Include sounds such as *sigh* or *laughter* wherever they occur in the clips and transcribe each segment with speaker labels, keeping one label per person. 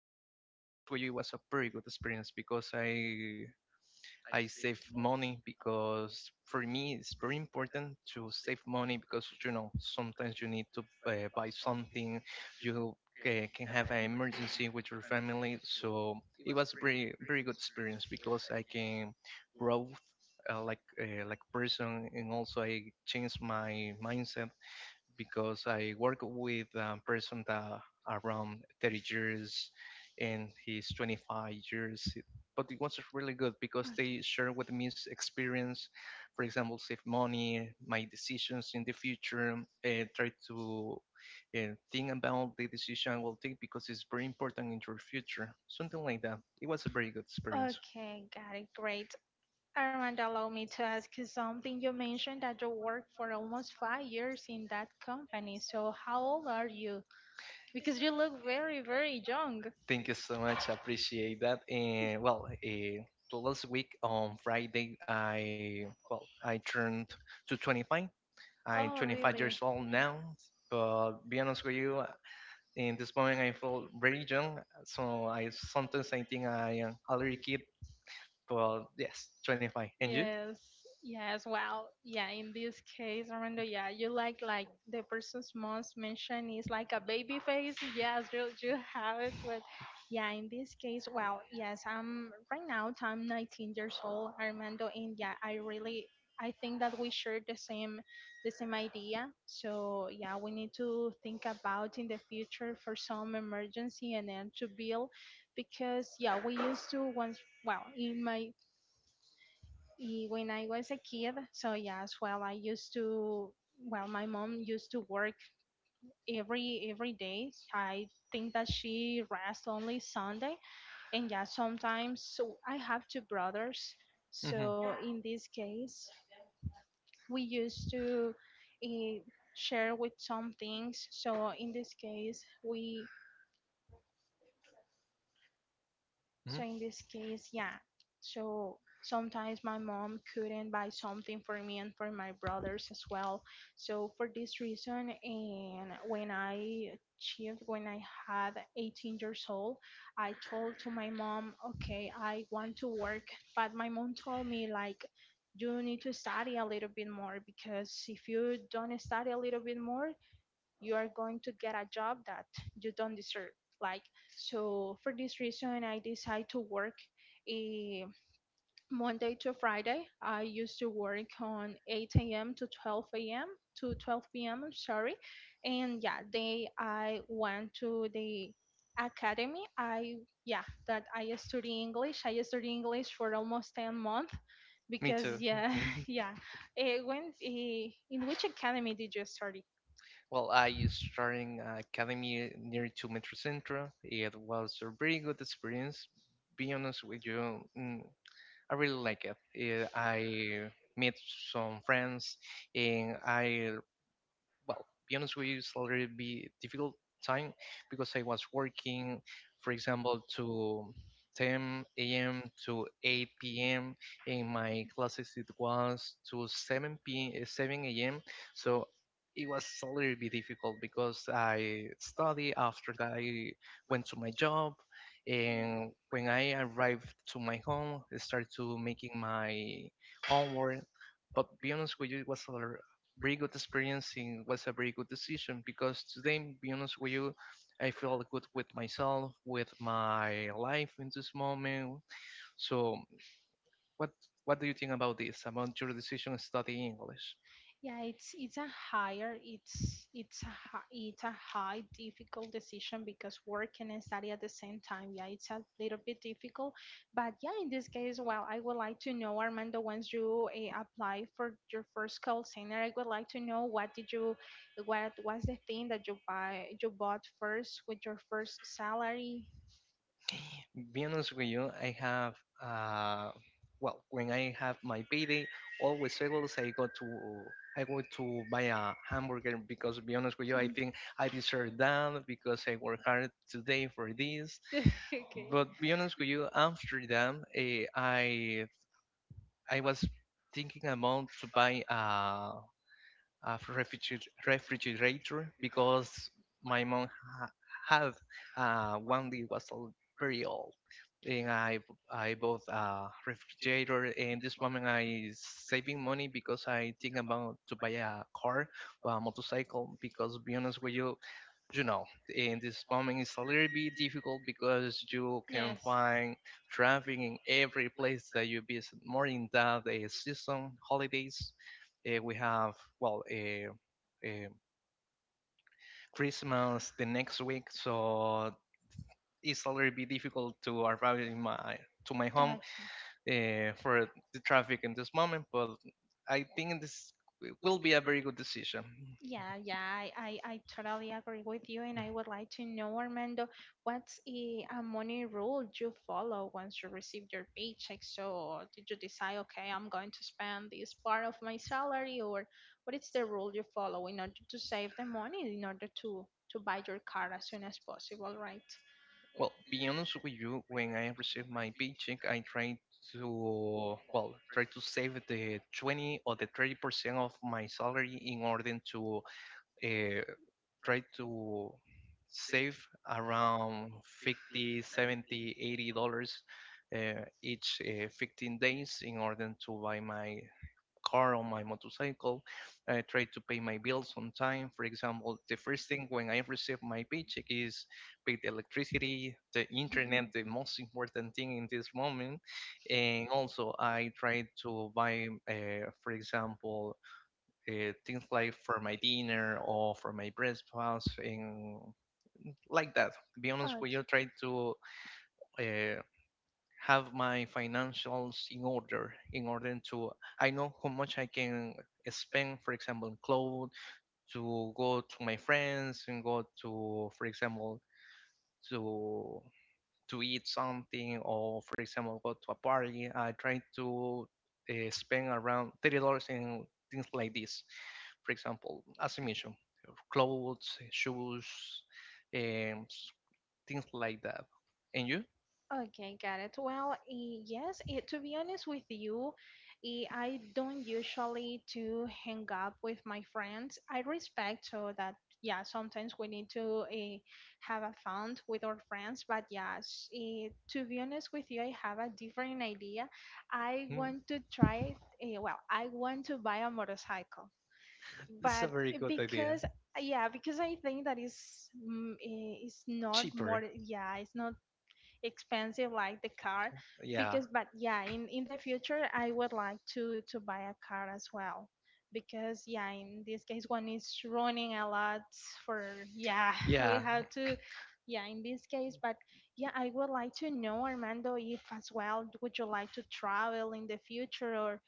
Speaker 1: I be honest with you, it was a pretty good experience because I save money because for me it's very important to save money because sometimes you need to buy something. You can have an emergency with your family, so it was very very good experience because I can grow like person, and also I changed my mindset because I work with a person that around 30 years and he's 25 years. But it was really good because they share with me his experience, for example, save money, my decisions in the future, try to think about the decision I will take because it's very important in your future, something like that. It was a very good experience.
Speaker 2: Okay, got it. Great. Armand, allow me to ask you something. You mentioned that you worked for almost 5 years in that company. So how old are you? Because you look very, very young.
Speaker 1: Thank you so much. Appreciate that. And well, last week on Friday, I turned to 25. I'm
Speaker 2: Oh,
Speaker 1: 25
Speaker 2: really?
Speaker 1: years old now, but be honest with you, in this moment I feel very young. So I sometimes I think I am a little kid, but yes, 25. And you?
Speaker 2: Yes, yes, well, yeah, in this case, Armando, yeah, you like the person's mom's mention is like a baby face. Yes, you have it, but yeah, in this case, well, yes, I'm right now I'm 19 years old, Armando, and yeah, I think that we share the same idea. So yeah, we need to think about in the future for some emergency and then to build because yeah, we used to once well in my when I was a kid, so yes, well, I used to, well, my mom used to work every day. I think that she rests only Sunday, and yeah, sometimes so I have two brothers,
Speaker 1: Mhm.
Speaker 2: so in this case, we used to eh, share with some things.
Speaker 1: Mhm.
Speaker 2: So in this case, yeah. So sometimes my mom couldn't buy something for me and for my brothers as well. So for this reason, and when I achieved, when I had 18 years old, I told to my mom, okay, I want to work, but my mom told me, you need to study a little bit more because if you don't study a little bit more, you are going to get a job that you don't deserve, like. So for this reason I decided to work a Monday to Friday. I used to work on 8 a.m to 12 a.m to 12 p.m, I'm sorry, and yeah, they I went to the academy. I yeah that I study English for almost 10 months
Speaker 1: Me
Speaker 2: because
Speaker 1: too.
Speaker 2: yeah.
Speaker 1: Hmm.
Speaker 2: *laughs* Yeah. When in which academy did you study?
Speaker 1: Well, I used starting a academy near to Metro Centro. It was a very good experience. Be honest with you, I really like it. I met some friends, and be honest with you, it's already be difficult time because I was working, for example, to 10 a.m. to 8 p.m. In my classes, it was to 7 p. m, 7 a.m. So it was a little bit difficult because I study. After that, I went to my job, and when I arrived to my home, I started to making my homework. But be honest with you, it was a very good experience and was a very good decision because today, be honest with you, I feel good with myself, with my life in this moment. So, what what do you think about this? About your decision to study English?
Speaker 2: Yeah, it's a high difficult decision because working and study at the same time. Yeah, it's a little bit difficult, but yeah, in this case, well, I would like to know, Armando, once you apply for your first call center, I would like to know what did you what was the thing that you bought first with your first salary. *laughs*
Speaker 1: Be honest with you, I have uh, well, when I have my payday, always I go to buy a hamburger because, be honest with you, I think I deserve that because I work hard today for this.
Speaker 2: Okay.
Speaker 1: But be honest with you, Amsterdam, I was thinking about to buy a refrigerator because my mom had one that was very old, and I bought a refrigerator. And this moment I saving money because I think about to buy a car or a motorcycle because be honest with you, you know in this moment it's a little bit difficult because you can
Speaker 2: Yes.
Speaker 1: find traffic in every place that you visit, more in that season holidays. We have well uh, uh, christmas the next week, so it's a little bit difficult to arrive in my to my home
Speaker 2: Okay.
Speaker 1: for the traffic in this moment, but I think this will be a very good decision.
Speaker 2: Yeah, yeah, I totally agree with you, and I would like to know, Armando, what's a money rule you follow once you receive your paycheck? So, did you decide, okay, I'm going to spend this part of my salary, or what is the rule you follow in order to save the money, in order to buy your car as soon as possible, right?
Speaker 1: Well, be honest with you, when I receive my paycheck, I try to save the 20 or the 30% of my salary in order to uh, try to save around 50, 70, $80 each 15 days in order to buy my car on my motorcycle. I try to pay my bills on time. For example, the first thing when I receive my paycheck is pay the electricity, the
Speaker 2: Mhm.
Speaker 1: internet, the most important thing in this moment. And also, I try to buy, for example, things like for my dinner or for my breakfast and like that. Be honest
Speaker 2: Okay.
Speaker 1: with you, try to uh, have my financials in order to I know how much I can spend, for example, on clothes, to go to my friends and go to, for example, to eat something, or, for example, go to a party. I try to spend around $30 in things like this, for example, as I mentioned, clothes, shoes, and things like that. And you?
Speaker 2: Okay, got it. Well, yes, to be honest with you, I don't usually to hang up with my friends. I respect so that yeah, sometimes we need to have a fun with our friends, but yes, to be honest with you, I have a different idea. I
Speaker 1: Hmm.
Speaker 2: want to try well, I want to buy a motorcycle.
Speaker 1: This is a
Speaker 2: But
Speaker 1: very good idea.
Speaker 2: because yeah, because I think that is it's not more,
Speaker 1: Cheaper.
Speaker 2: yeah, it's not expensive like the car. Yeah.
Speaker 1: Yeah.
Speaker 2: because but yeah in the future I would like to buy a car as well because yeah in this case one is running a lot for yeah. *laughs* Yeah. We
Speaker 1: Yeah.
Speaker 2: have to, yeah, in this case, but yeah I would like to know, Armando, if as well would you like to travel in the future or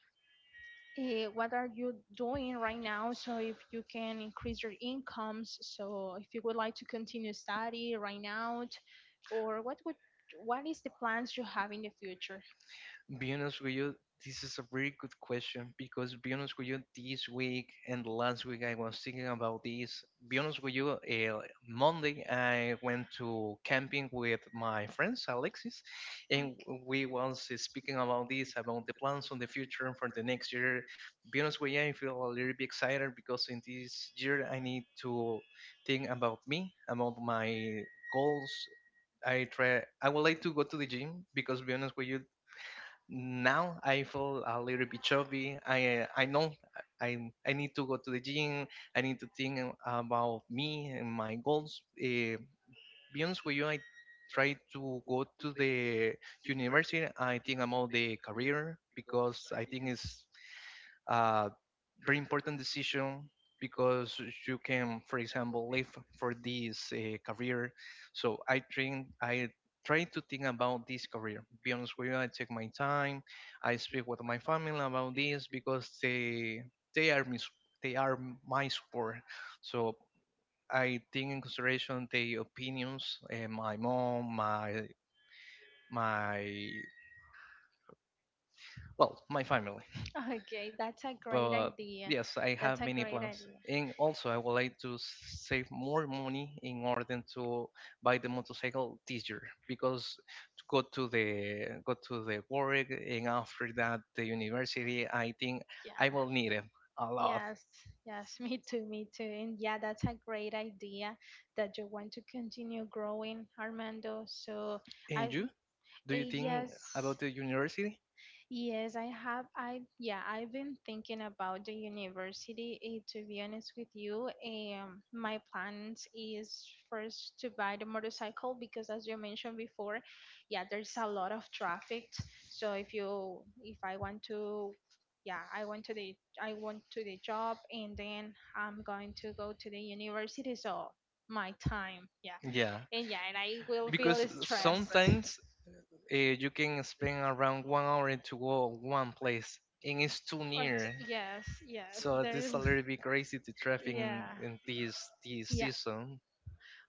Speaker 2: what are you doing right now, so if you can increase your incomes, so if you would like to continue study right now, or what is the plans you have in the future.
Speaker 1: Being honest with you, this is a very good question because be honest with you, this week and last week I was thinking about this. Be honest with you, Monday I went to camping with my friends Alexis, and
Speaker 2: Okay.
Speaker 1: we was speaking about this, about the plans on the future for the next year. Be honest with you, I feel a little bit excited because in this year I need to think about me, about my goals. I try. I would like to go to the gym because, be honest with you, now I feel a little bit chubby. I know I need to go to the gym. I need to think about me and my goals. Be honest with you, I try to go to the university. I think about the career because I think it's uh, very important decision because you can, for example, live for this career. So I train, I try to think about this career. Be honest with you, I take my time. I speak with my family about this because they are they are my support. So I think in consideration the opinions, my mom, my my family.
Speaker 2: Okay, that's a great
Speaker 1: But
Speaker 2: idea,
Speaker 1: yes, I
Speaker 2: that's
Speaker 1: have
Speaker 2: a
Speaker 1: many
Speaker 2: great
Speaker 1: plans.
Speaker 2: idea,
Speaker 1: And also, I would like to save more money in order to buy the motorcycle this year because to go to the work and after that the university, I think
Speaker 2: yeah.
Speaker 1: I will need it a lot.
Speaker 2: Yes, yes, *laughs* me too, me too. And yeah, that's a great idea that you want to continue growing, Armando. So I,
Speaker 1: And you? Do you think
Speaker 2: yes,
Speaker 1: about the university?
Speaker 2: Yes, I have. I, yeah, I've been thinking about the university. To be honest with you, my plans is first to buy the motorcycle because, as you mentioned before, yeah, there's a lot of traffic. So if you, if I want to, yeah, I want to the, I want to the job, and then I'm going to go to the university. So my time, yeah,
Speaker 1: Yeah,
Speaker 2: and yeah, and I will feel
Speaker 1: because
Speaker 2: stressed.
Speaker 1: sometimes you can spend around one hour to go one place, and it's too
Speaker 2: Or
Speaker 1: near.
Speaker 2: yes, yes,
Speaker 1: So
Speaker 2: there is.
Speaker 1: this a little bit crazy the traffic
Speaker 2: Yeah.
Speaker 1: in this
Speaker 2: Yeah,
Speaker 1: season.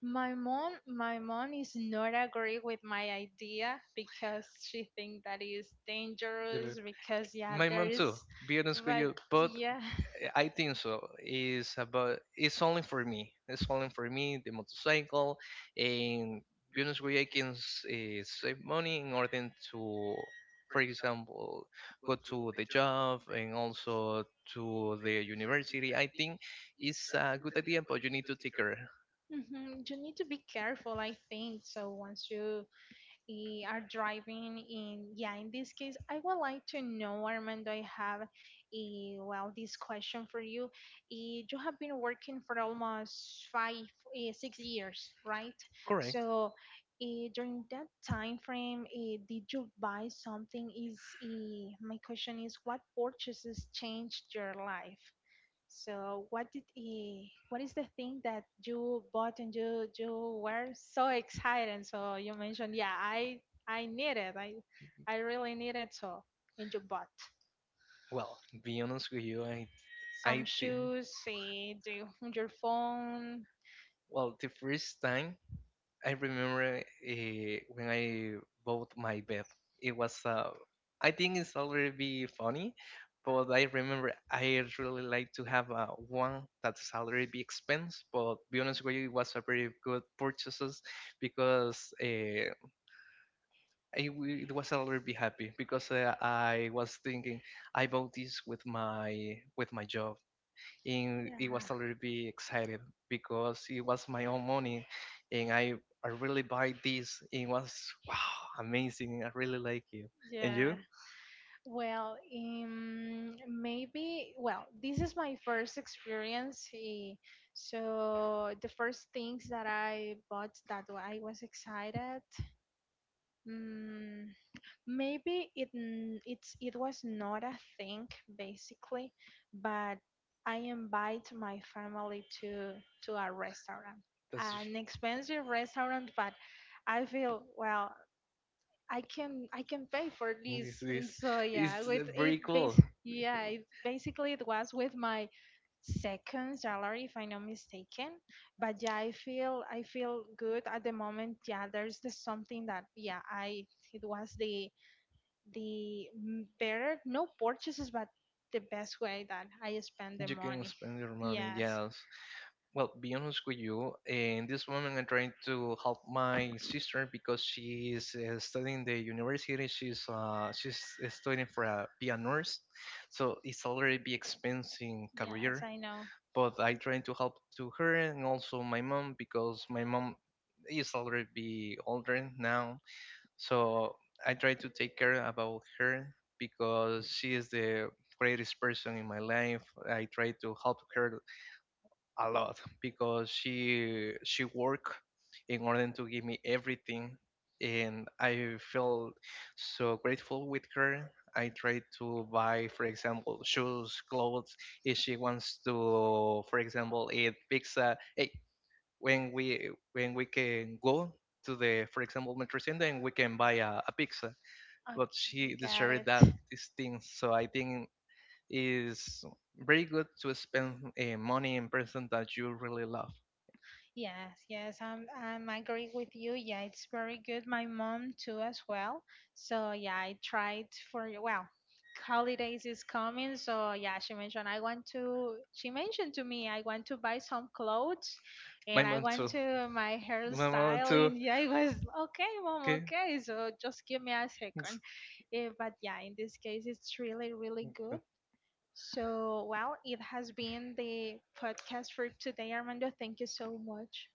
Speaker 2: my mom is not agree with my idea because she think that is dangerous
Speaker 1: There-
Speaker 2: because yeah,
Speaker 1: My
Speaker 2: there
Speaker 1: mom
Speaker 2: is,
Speaker 1: too. Be honest with
Speaker 2: but
Speaker 1: you, but
Speaker 2: yeah,
Speaker 1: I think so. It's about. It's only for me. It's only for me. The motorcycle, and be honest with you, I can save money in order to, for example, go to the job and also to the university. I think it's a good idea, but you need to take care.
Speaker 2: *laughs* mhm, you need to be careful. I think so. Once you are driving in, yeah, in this case I would like to know, Armando, I have a well this question for you. You have been working for almost five, 6 years, right? Correct.
Speaker 1: Correct.
Speaker 2: So during that time frame did you buy something is my question is what purchases changed your life? So what is the thing that you bought and you were so excited? So you mentioned, yeah, I need it. I really need it. So and you bought
Speaker 1: Well, be honest with you, I
Speaker 2: some
Speaker 1: think
Speaker 2: shoes, you, your phone.
Speaker 1: the first time I remember when I bought my bed, it was I think it's already be funny, but I remember I really like to have one that's already be expense. But be honest with you, it was a very good purchases because it was already be happy because I was thinking I bought this with my job, and
Speaker 2: Yeah.
Speaker 1: it was a little bit excited because it was my own money and I really buy this. It was wow amazing. I really like it. And
Speaker 2: Yeah.
Speaker 1: you?
Speaker 2: Well, maybe. Well, this is my first experience. So the first things that I bought that I was excited. Mm, maybe it's it was not a thing basically, but I invite my family to a restaurant,
Speaker 1: That's
Speaker 2: an expensive restaurant, but I feel well I can. I can pay for
Speaker 1: this
Speaker 2: this, and
Speaker 1: is
Speaker 2: so yeah,
Speaker 1: it's
Speaker 2: with
Speaker 1: very
Speaker 2: it
Speaker 1: cool.
Speaker 2: base yeah, it, basically it was with my second salary if I'm not mistaken, but yeah I feel I feel good at the moment. Yeah, there's the something that yeah I it was the better no purchases but the best way that I spend the
Speaker 1: You can
Speaker 2: money.
Speaker 1: spend your
Speaker 2: *laughs*
Speaker 1: money,
Speaker 2: Yes,
Speaker 1: yes. Well, be honest with you, in this moment I'm trying to help my sister because she is studying the university. She's studying for a piano nurse, so it's already be expensive
Speaker 2: yes,
Speaker 1: career.
Speaker 2: I know.
Speaker 1: But I trying to help to her and also my mom because my mom is already be older now. So I try to take care about her because she is the greatest person in my life. I try to help her a lot because she worked in order to give me everything, and I felt so grateful with her. I try to buy, for example, shoes, clothes. If she wants to, for example, eat pizza, hey, when we can go to the, for example, Metro Center and we can buy a pizza. But she
Speaker 2: Okay, got
Speaker 1: deserved
Speaker 2: it.
Speaker 1: that these things. So I think is very good to spend money in person that you really love.
Speaker 2: Yes, yes, I'm. I am agree with you. Yeah, it's very good. My mom too, as well. So yeah, I tried for, well, holidays is coming. So yeah, she mentioned I want to. She mentioned to me, I want to buy some clothes,
Speaker 1: My
Speaker 2: and I
Speaker 1: mom
Speaker 2: want
Speaker 1: too.
Speaker 2: to my
Speaker 1: My mom
Speaker 2: hairstyle. *laughs*
Speaker 1: too.
Speaker 2: And yeah, I was okay, mom.
Speaker 1: Okay.
Speaker 2: Okay, so just give me a second.
Speaker 1: It's-
Speaker 2: But yeah, in this case, it's really, really good. So, well, it has been the podcast for today, Armando. Thank you so much.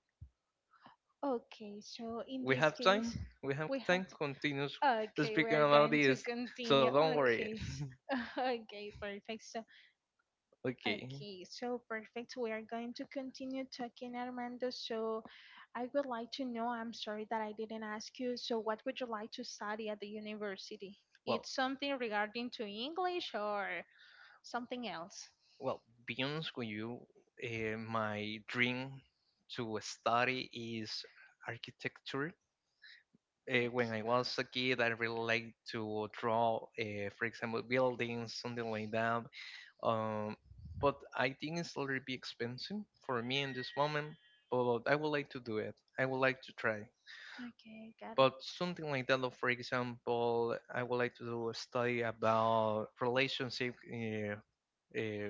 Speaker 2: Okay, so in we
Speaker 1: We
Speaker 2: this have
Speaker 1: have
Speaker 2: time.
Speaker 1: time.
Speaker 2: Case,
Speaker 1: We have
Speaker 2: we have
Speaker 1: time.
Speaker 2: to.
Speaker 1: Continues
Speaker 2: Okay, we
Speaker 1: speaking
Speaker 2: are
Speaker 1: about
Speaker 2: going to
Speaker 1: this. So
Speaker 2: continue.
Speaker 1: don't worry.
Speaker 2: Okay, *laughs* okay, perfect. So,
Speaker 1: Okay.
Speaker 2: okay, so perfect. We are going to continue talking, Armando. So, I would like to know. I'm sorry that I didn't ask you. So, what would you like to study at the university?
Speaker 1: Well.
Speaker 2: It's something regarding to English or something else?
Speaker 1: Well, be honest with you, my dream to study is architecture. When I was a
Speaker 2: Okay,
Speaker 1: kid, I really liked to draw, for example, buildings, something like that. Um, but I think it's a little bit expensive for me in this moment. But I would like to do it. I would like to try.
Speaker 2: okay, got it.
Speaker 1: But something like that, or for example, I would like to do a study about relationship uh,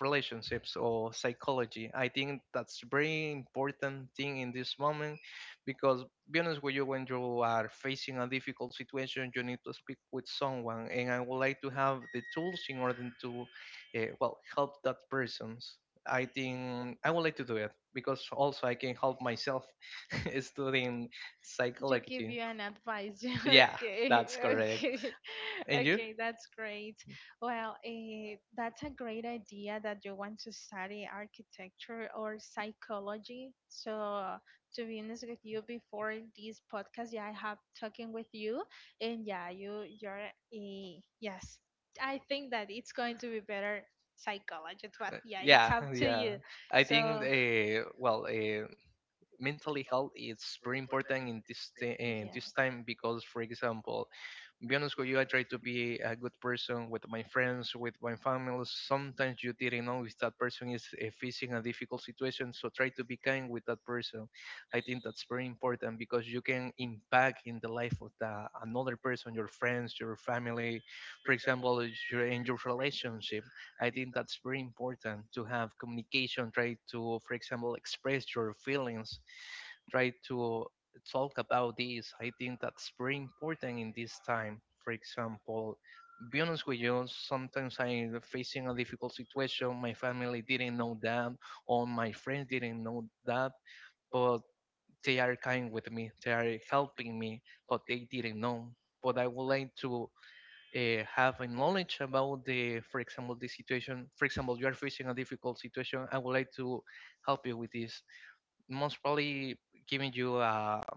Speaker 1: relationships or psychology. I think that's very important thing in this moment because be honest with you, when you are facing a difficult situation, you need to speak with someone, and I would like to have the tools in order to, well, help that persons. I think I would like to do it because also I can help myself *laughs* studying
Speaker 2: To give psychological.
Speaker 1: psychology.
Speaker 2: You an advice. *laughs* Yeah,
Speaker 1: Yeah,
Speaker 2: okay,
Speaker 1: that's correct.
Speaker 2: okay, *laughs*
Speaker 1: And you?
Speaker 2: okay, that's great. Well, that's a great idea that you want to study architecture or psychology. So, to be honest with you, before this podcast, yeah, I have talking with you, and yeah, yes, I think that it's going to be better psychologist, but yeah, it's
Speaker 1: Yeah, *laughs*
Speaker 2: up to
Speaker 1: yeah.
Speaker 2: you.
Speaker 1: I think
Speaker 2: So,
Speaker 1: well, mentally health is very important in this
Speaker 2: yes.
Speaker 1: time because, for example, be honest with you, I try to be a good person with my friends, with my family. Sometimes you didn't know if that person is facing a difficult situation, so try to be kind with that person. I think that's very important because you can impact in the life of the another person, your friends, your family, for example, is your, in your relationship. I think that's very important to have communication. Try to, for example, express your feelings try to talk about this. I think that's very important in this time. For example, be honest with you, sometimes I'm facing a difficult situation. My family didn't know that, or my friends didn't know that, but they are kind with me. They are helping me, but they didn't know. But I would like to have a knowledge about the, for example, the situation. For example, you are facing a difficult situation. I would like to help you with this. Most probably giving you a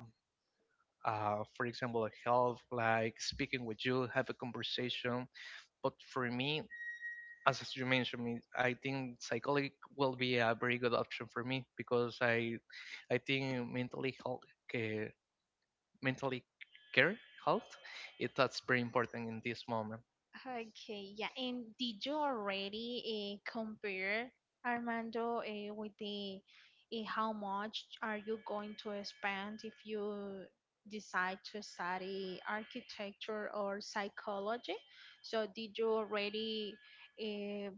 Speaker 1: for example, like health, like speaking with you, have a conversation. But for me, as you mentioned, I think psychology will be a very good option for me because I think mentally health, care, mentally care health, it that's very important in this moment.
Speaker 2: Okay, yeah. And did you already compare, Armando, with the how much are you going to spend if you decide to study architecture or psychology? So did you already, uh,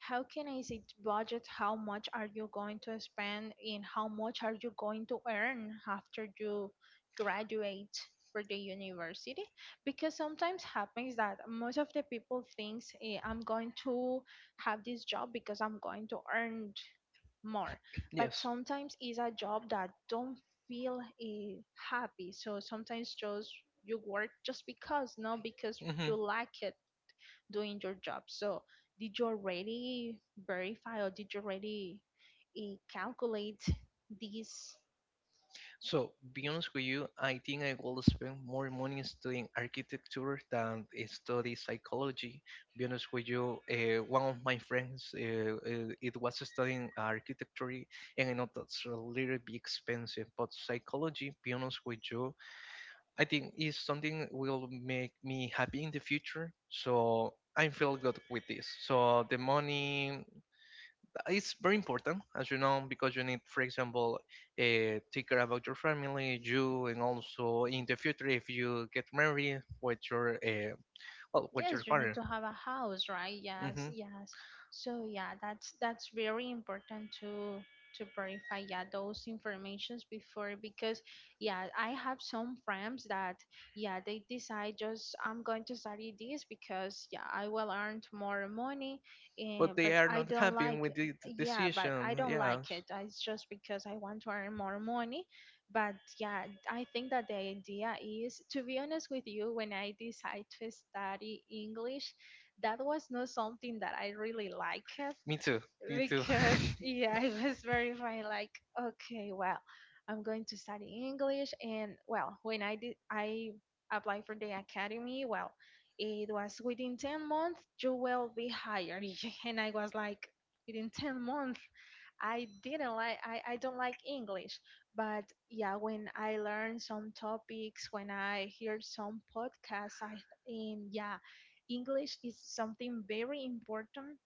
Speaker 2: how can I say, to budget how much are you going to spend and how much are you going to earn after you graduate for the university, because sometimes happens that most of the people thinks I'm going to have this job because I'm going to earn more, but
Speaker 1: Yes.
Speaker 2: sometimes it's a job that don't feel happy, so sometimes just you work just because no because you
Speaker 1: Mhm.
Speaker 2: like it doing your job. So, did you already verify or did you already calculate these?
Speaker 1: So, be honest with you, I think I will spend more money studying architecture than study psychology. Be honest with you, one of my friends, it was studying architecture, and I know that's a little bit expensive. But psychology, be honest with you, I think is something will make me happy in the future. So I feel good with this. So the money it's very important, as you know, because you need, for example, a ticker about your family, you, and also in the future if you get married with your well with your
Speaker 2: Yes, you need
Speaker 1: partner.
Speaker 2: to have a house, right? Yes,
Speaker 1: Hmm.
Speaker 2: yes. So yeah, that's very important to verify, yeah, those informations before because yeah I have some friends that yeah they decide just I'm going to study this because yeah I will earn more money,
Speaker 1: But they
Speaker 2: but
Speaker 1: are
Speaker 2: I
Speaker 1: not
Speaker 2: don't
Speaker 1: happy
Speaker 2: like,
Speaker 1: with the d-
Speaker 2: yeah, but I
Speaker 1: decision.
Speaker 2: don't like
Speaker 1: Yes,
Speaker 2: it. It's just because I want to earn more money. But yeah, I think that the idea is, to be honest with you, when I decided to study English, that was not something that I really liked
Speaker 1: me too. Me too.
Speaker 2: because *laughs* yeah, it was very funny like, okay, well, I'm going to study English, and well, when I did, I applied for the academy. Well, it was within 10 months you will be hired. *laughs* And I was like, within 10 months. I didn't like, I don't like English. But yeah, when I learn some topics, when I hear some podcasts, I and yeah, English is something very important.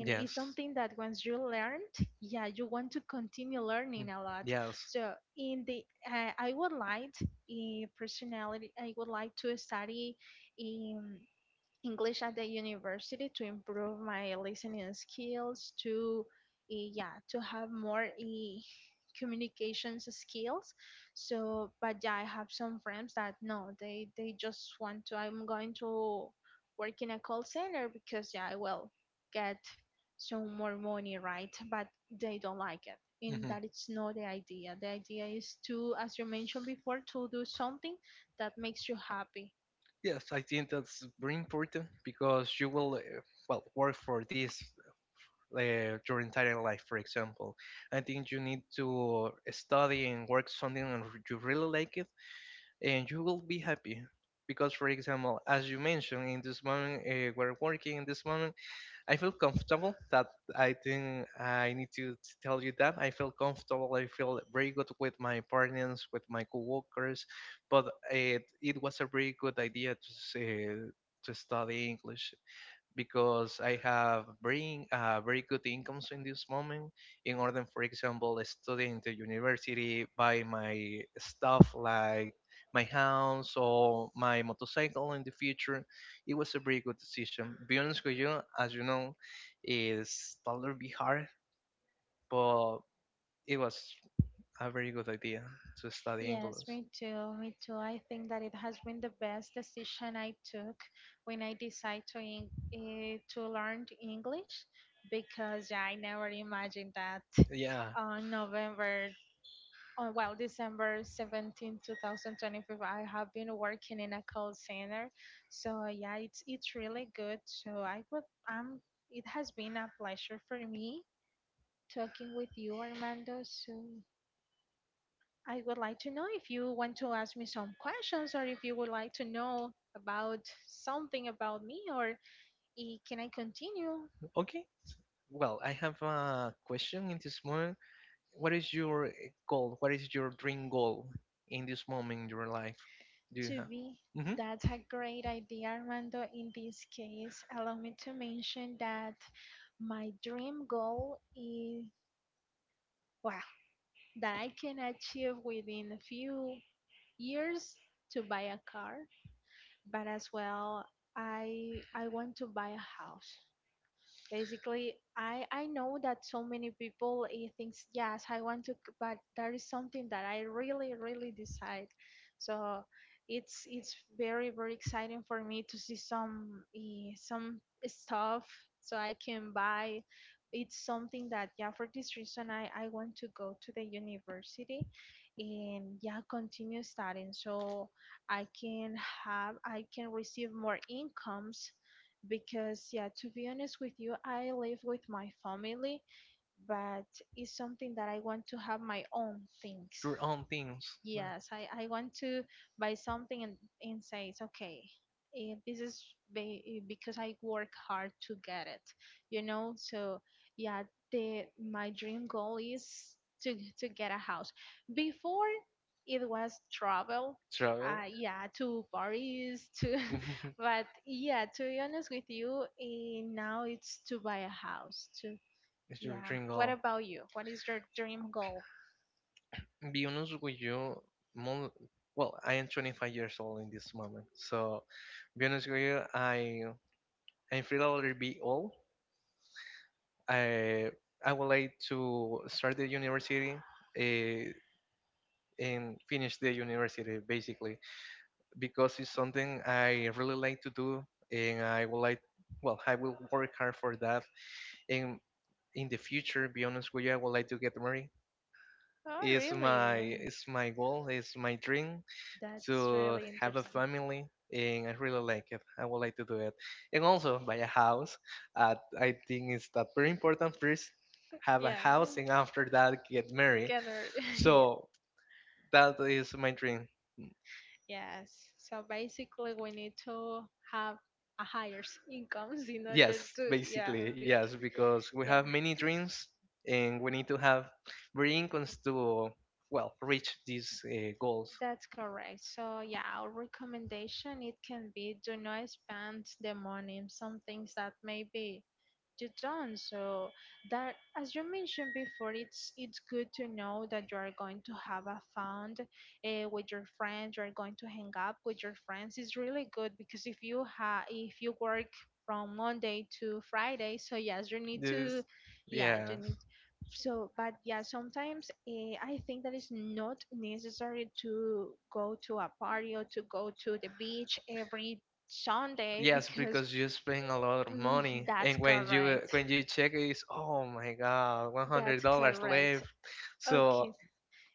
Speaker 1: *laughs*
Speaker 2: Yeah, it's
Speaker 1: Yes.
Speaker 2: something that once you learned, yeah, you want to continue
Speaker 1: Mm.
Speaker 2: learning a lot. Yeah.
Speaker 1: Yes.
Speaker 2: So in the I would like, personality, I would like to study in English at the university to improve my listening skills, to yeah, to have more communications skills. So, but yeah, I have some friends that no, they just want to. I'm going to work in a call center because yeah, I will get some more money, right? But they don't like it. And
Speaker 1: Hmm.
Speaker 2: that it's not the idea. The idea is to, as you mentioned before, to do something that makes you happy.
Speaker 1: Yes, I think that's very important because you will, well, work for this your entire life, for example. I think you need to study and work something and you really like it, and you will be happy. Because, for example, as you mentioned, in this moment, we're working in this moment I feel comfortable that I think I need to tell you that I feel comfortable. I feel very good with my partners, with my coworkers, but it was a very good idea to say, to study English because I have bring very good incomes in this moment. In order, for example, studying the university, buy my stuff like my house or my motorcycle in the future, it was a very good decision. Be honest with you, as you know, it's a little bit hard, but it was a very good idea to study
Speaker 2: Yes,
Speaker 1: English.
Speaker 2: me too. Me too. I think that it has been the best decision I took when I decided to learn English, because I never imagined that
Speaker 1: Yeah.
Speaker 2: on December 17th, two 2025, I have been working in a call center. So yeah, it's really good. So I would um it has been a pleasure for me talking with you, Armando. So I would like to know if you want to ask me some questions, or if you would like to know about something about me, or can I continue
Speaker 1: Okay. Well, I have a question in this moment. What is your goal? What is your dream goal in this moment in your life? Do you
Speaker 2: to
Speaker 1: have?
Speaker 2: be?
Speaker 1: Hmm.
Speaker 2: That's a great idea, Armando. In this case, allow me to mention that my dream goal is, well, that I can achieve within a few years to buy a car, but as well, I want to buy a house. Basically, I know that so many people it thinks, yes, I want to, but there is something that I really really decide. So it's very very exciting for me to see some stuff so I can buy. It's something that yeah, for this reason I want to go to the university and yeah continue studying so I can receive more incomes, because yeah, to be honest with you, I live with my family, but it's something that I want to have my own things.
Speaker 1: Your own things. Yeah.
Speaker 2: Yes, I want to buy something and say it's okay. This is because I work hard to get it. So yeah, the my dream goal is to get a house. Before it was travel,
Speaker 1: Travel.
Speaker 2: yeah, to Paris, to *laughs*
Speaker 1: *laughs*
Speaker 2: but yeah, to be honest with you, now it's to buy a house.
Speaker 1: Mr.
Speaker 2: What
Speaker 1: Tringle.
Speaker 2: about you? What is your dream goal?
Speaker 1: Be honest with you, mo well, I am 25 years old in this moment. So, be honest with you, I'm feel a little bit old. I I would like to start the university uh, and finish the university basically because it's something I really like to do and I would like. Well, I will work hard for that, and in the future, be honest with you, I would like to get married.
Speaker 2: Oh,
Speaker 1: It's
Speaker 2: really?
Speaker 1: my it's my goal, it's my dream
Speaker 2: That's
Speaker 1: to
Speaker 2: really
Speaker 1: have a
Speaker 2: interesting.
Speaker 1: family, and I really like it. I would like to do it, and also buy a house. I think it's that very important. First, have a
Speaker 2: Yeah.
Speaker 1: house, and after that, get married.
Speaker 2: Gather. *laughs* yeah.
Speaker 1: So that is my dream.
Speaker 2: Yes. So basically, we need to have a higher incomes in order
Speaker 1: Yes,
Speaker 2: to, yeah.
Speaker 1: basically, yes, because we have many
Speaker 2: bec-
Speaker 1: dreams and we need to have very incomes to, well, reach these goals.
Speaker 2: That's correct. So yeah, our recommendation, it can be, do not spend the money in some things that maybe you don't. So that, as you mentioned before, it's good to know that you are going to have a fund with your friends. You are going to hang up with your friends. It's really good because if you work from Monday to Friday, so yes, you need to,
Speaker 1: This,
Speaker 2: yeah, you
Speaker 1: yes,
Speaker 2: need. So but yeah, sometimes I think that it's not necessary to go to a party or to go to the beach every Sunday,
Speaker 1: yes,
Speaker 2: because
Speaker 1: because you spend a lot of
Speaker 2: Mm, *laughs*
Speaker 1: money,
Speaker 2: that's
Speaker 1: and when you
Speaker 2: correct,
Speaker 1: when you check it, it's, oh my God, one hundred
Speaker 2: that's
Speaker 1: dollars
Speaker 2: correct.
Speaker 1: left.
Speaker 2: Okay,
Speaker 1: So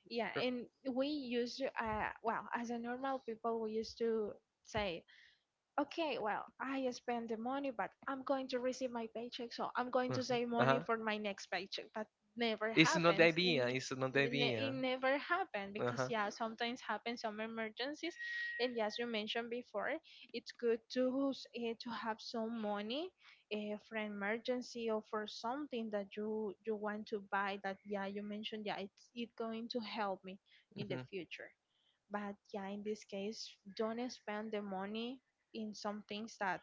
Speaker 2: yeah.
Speaker 1: r-
Speaker 2: And we used to, well, as a normal people, we used to say, okay, well, I spend the money, but I'm going to receive my paycheck, so I'm going to save
Speaker 1: Uh
Speaker 2: money
Speaker 1: huh.
Speaker 2: for my next paycheck. That never
Speaker 1: It's not the
Speaker 2: happens.
Speaker 1: idea. It's not the
Speaker 2: It
Speaker 1: idea.
Speaker 2: never happened,
Speaker 1: Uh
Speaker 2: because
Speaker 1: huh.
Speaker 2: yeah, sometimes happens some emergencies, and as you mentioned before, it's good to to have some money for an emergency or for something that you want to buy. That yeah, you mentioned, yeah, it's it going to help me in the
Speaker 1: Hmm.
Speaker 2: future. But yeah, in this case, don't spend the money in some things that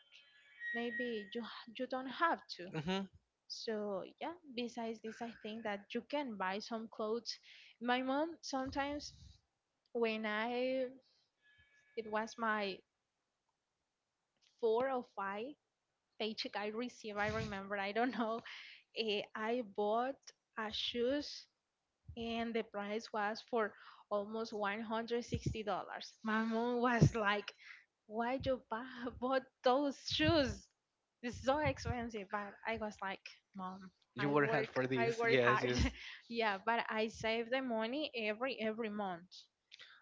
Speaker 2: maybe you don't have to.
Speaker 1: Hmm.
Speaker 2: So yeah, besides this, I think that you can buy some clothes. My mom sometimes, when I it was my four or five paycheck I received, I remember, I don't know, I bought a shoes and the price was for almost $160. My mom was like, why you buy *laughs* bought those shoes? It's so expensive. But I was like, mom,
Speaker 1: You
Speaker 2: I
Speaker 1: work hard
Speaker 2: work,
Speaker 1: for
Speaker 2: I
Speaker 1: this.
Speaker 2: work
Speaker 1: Yes.
Speaker 2: hard.
Speaker 1: Yes.
Speaker 2: *laughs* Yeah, but I save the money every month.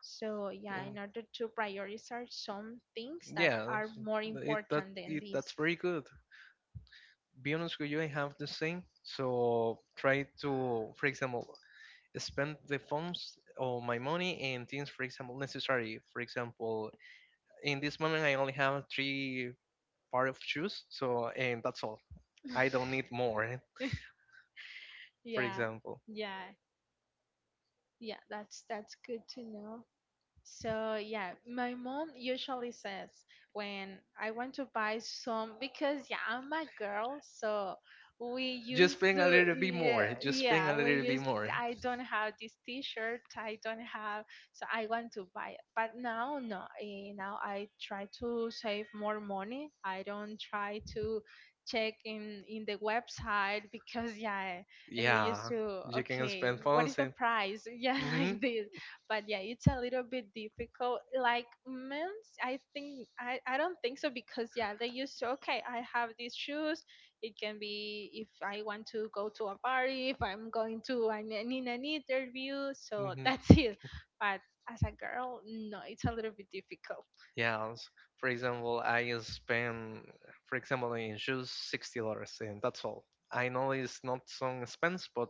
Speaker 2: So yeah,
Speaker 1: Mm.
Speaker 2: in order to prioritize some things that
Speaker 1: Yeah.
Speaker 2: are more important than
Speaker 1: It that's
Speaker 2: this.
Speaker 1: very good. Be honest with you, I have the same. So try to, for example, spend the funds or my money in things, for example, necessary. For example, in this moment, I only have three pair of shoes, so and that's all. I don't need more. For
Speaker 2: Yeah,
Speaker 1: example,
Speaker 2: yeah, yeah. That's good to know. So yeah, my mom usually says when I want to buy some, because yeah, I'm a girl, so we just
Speaker 1: just
Speaker 2: used leave to
Speaker 1: paying a
Speaker 2: it
Speaker 1: little
Speaker 2: anymore,
Speaker 1: bit
Speaker 2: yeah,
Speaker 1: more.
Speaker 2: just leave,
Speaker 1: Just paying
Speaker 2: yeah,
Speaker 1: a
Speaker 2: it we
Speaker 1: little bit
Speaker 2: used anymore.
Speaker 1: more.
Speaker 2: I don't have this T-shirt, I don't have, so I want to buy it. But now no, now I try to save more money. I don't try to check in the website, because yeah, and we yeah, used
Speaker 1: Yeah,
Speaker 2: to we can,
Speaker 1: you can
Speaker 2: okay, spend
Speaker 1: spend
Speaker 2: what more. Is
Speaker 1: funds
Speaker 2: the
Speaker 1: and.
Speaker 2: price? *laughs* Yeah, like
Speaker 1: Mhm. *laughs*
Speaker 2: this. But yeah, it's a little bit difficult. Like men's, I don't think so, because yeah, they used to, okay, I have these shoes, it can be if I want to go to a party, if I'm going to an interview, so *laughs*
Speaker 1: Mhm.
Speaker 2: that's it. But as a girl, no, it's a little bit difficult.
Speaker 1: Yeah, for example, I spend, for example, in shoes $60, and that's all. I know it's not so expense,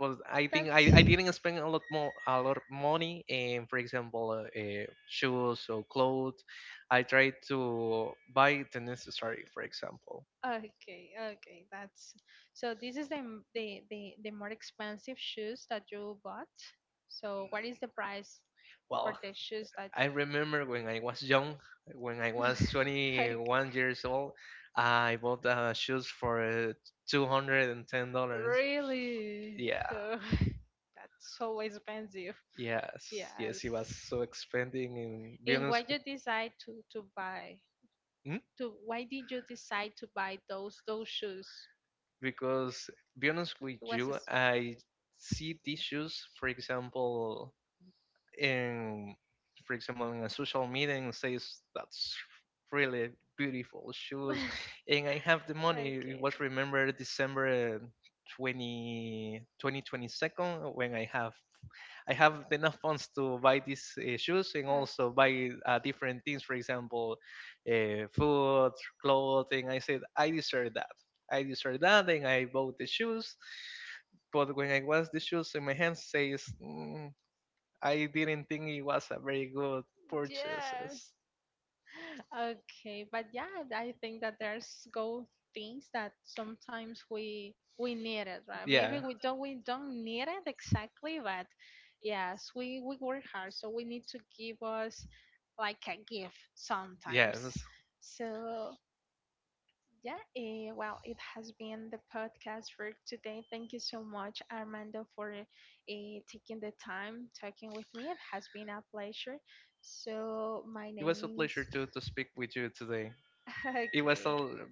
Speaker 1: but I, think
Speaker 2: That's
Speaker 1: I didn't spend a lot more a lot of money in, for example, shoes or clothes. I tried to buy the necessary, for example.
Speaker 2: okay, okay, that's so. This is the m- the more expensive shoes that you bought. So, what is the price for
Speaker 1: Well,
Speaker 2: the shoes that?
Speaker 1: I remember when I was young,
Speaker 2: *laughs*
Speaker 1: when I was
Speaker 2: Like.
Speaker 1: 21 years old, I bought shoes for $210.
Speaker 2: Really?
Speaker 1: Yeah,
Speaker 2: Oh, *laughs* that's so expensive.
Speaker 1: yes, yes,
Speaker 2: Yes.
Speaker 1: it was so expensive in be
Speaker 2: And why
Speaker 1: honest.
Speaker 2: you decide to buy?
Speaker 1: Mm,
Speaker 2: To Why did you decide to buy those shoes?
Speaker 1: Because, be honest with
Speaker 2: It was.
Speaker 1: you, I see these shoes, in for example in a social media and says that's really beautiful shoes. And I have the money. It
Speaker 2: Okay. Okay.
Speaker 1: was remember December 20 2022 when I have enough funds to buy these shoes and also buy different things, for example, food, clothing. I said I deserve that. I deserve that. And I bought the shoes. But when I was the shoes in my hands says, "Mm, I didn't think it was a very good
Speaker 2: Yeah. *laughs*
Speaker 1: purchases."
Speaker 2: Okay, but yeah, I think that there's go things that sometimes we need it, right? Maybe
Speaker 1: Yeah.
Speaker 2: we don't need it exactly, but yes, we work hard, so we need to give us like a gift sometimes.
Speaker 1: Yes.
Speaker 2: So yeah, well, it has been the podcast for today. Thank you so much, Armando, for taking the time talking with me. It has been a pleasure. So my
Speaker 1: It was a
Speaker 2: name is
Speaker 1: pleasure to speak with you today.
Speaker 2: *laughs* okay.
Speaker 1: It was a,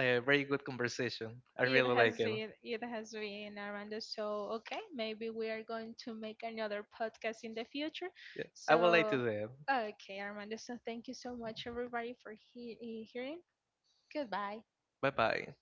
Speaker 1: a very good conversation. I
Speaker 2: It
Speaker 1: really
Speaker 2: has
Speaker 1: like it.
Speaker 2: been it has been Armando. So okay, maybe we are going to make another podcast in the future.
Speaker 1: Yeah. I
Speaker 2: So
Speaker 1: would like to do that.
Speaker 2: okay, Armando. So thank you so much, everybody, for hearing. Goodbye.
Speaker 1: Bye bye.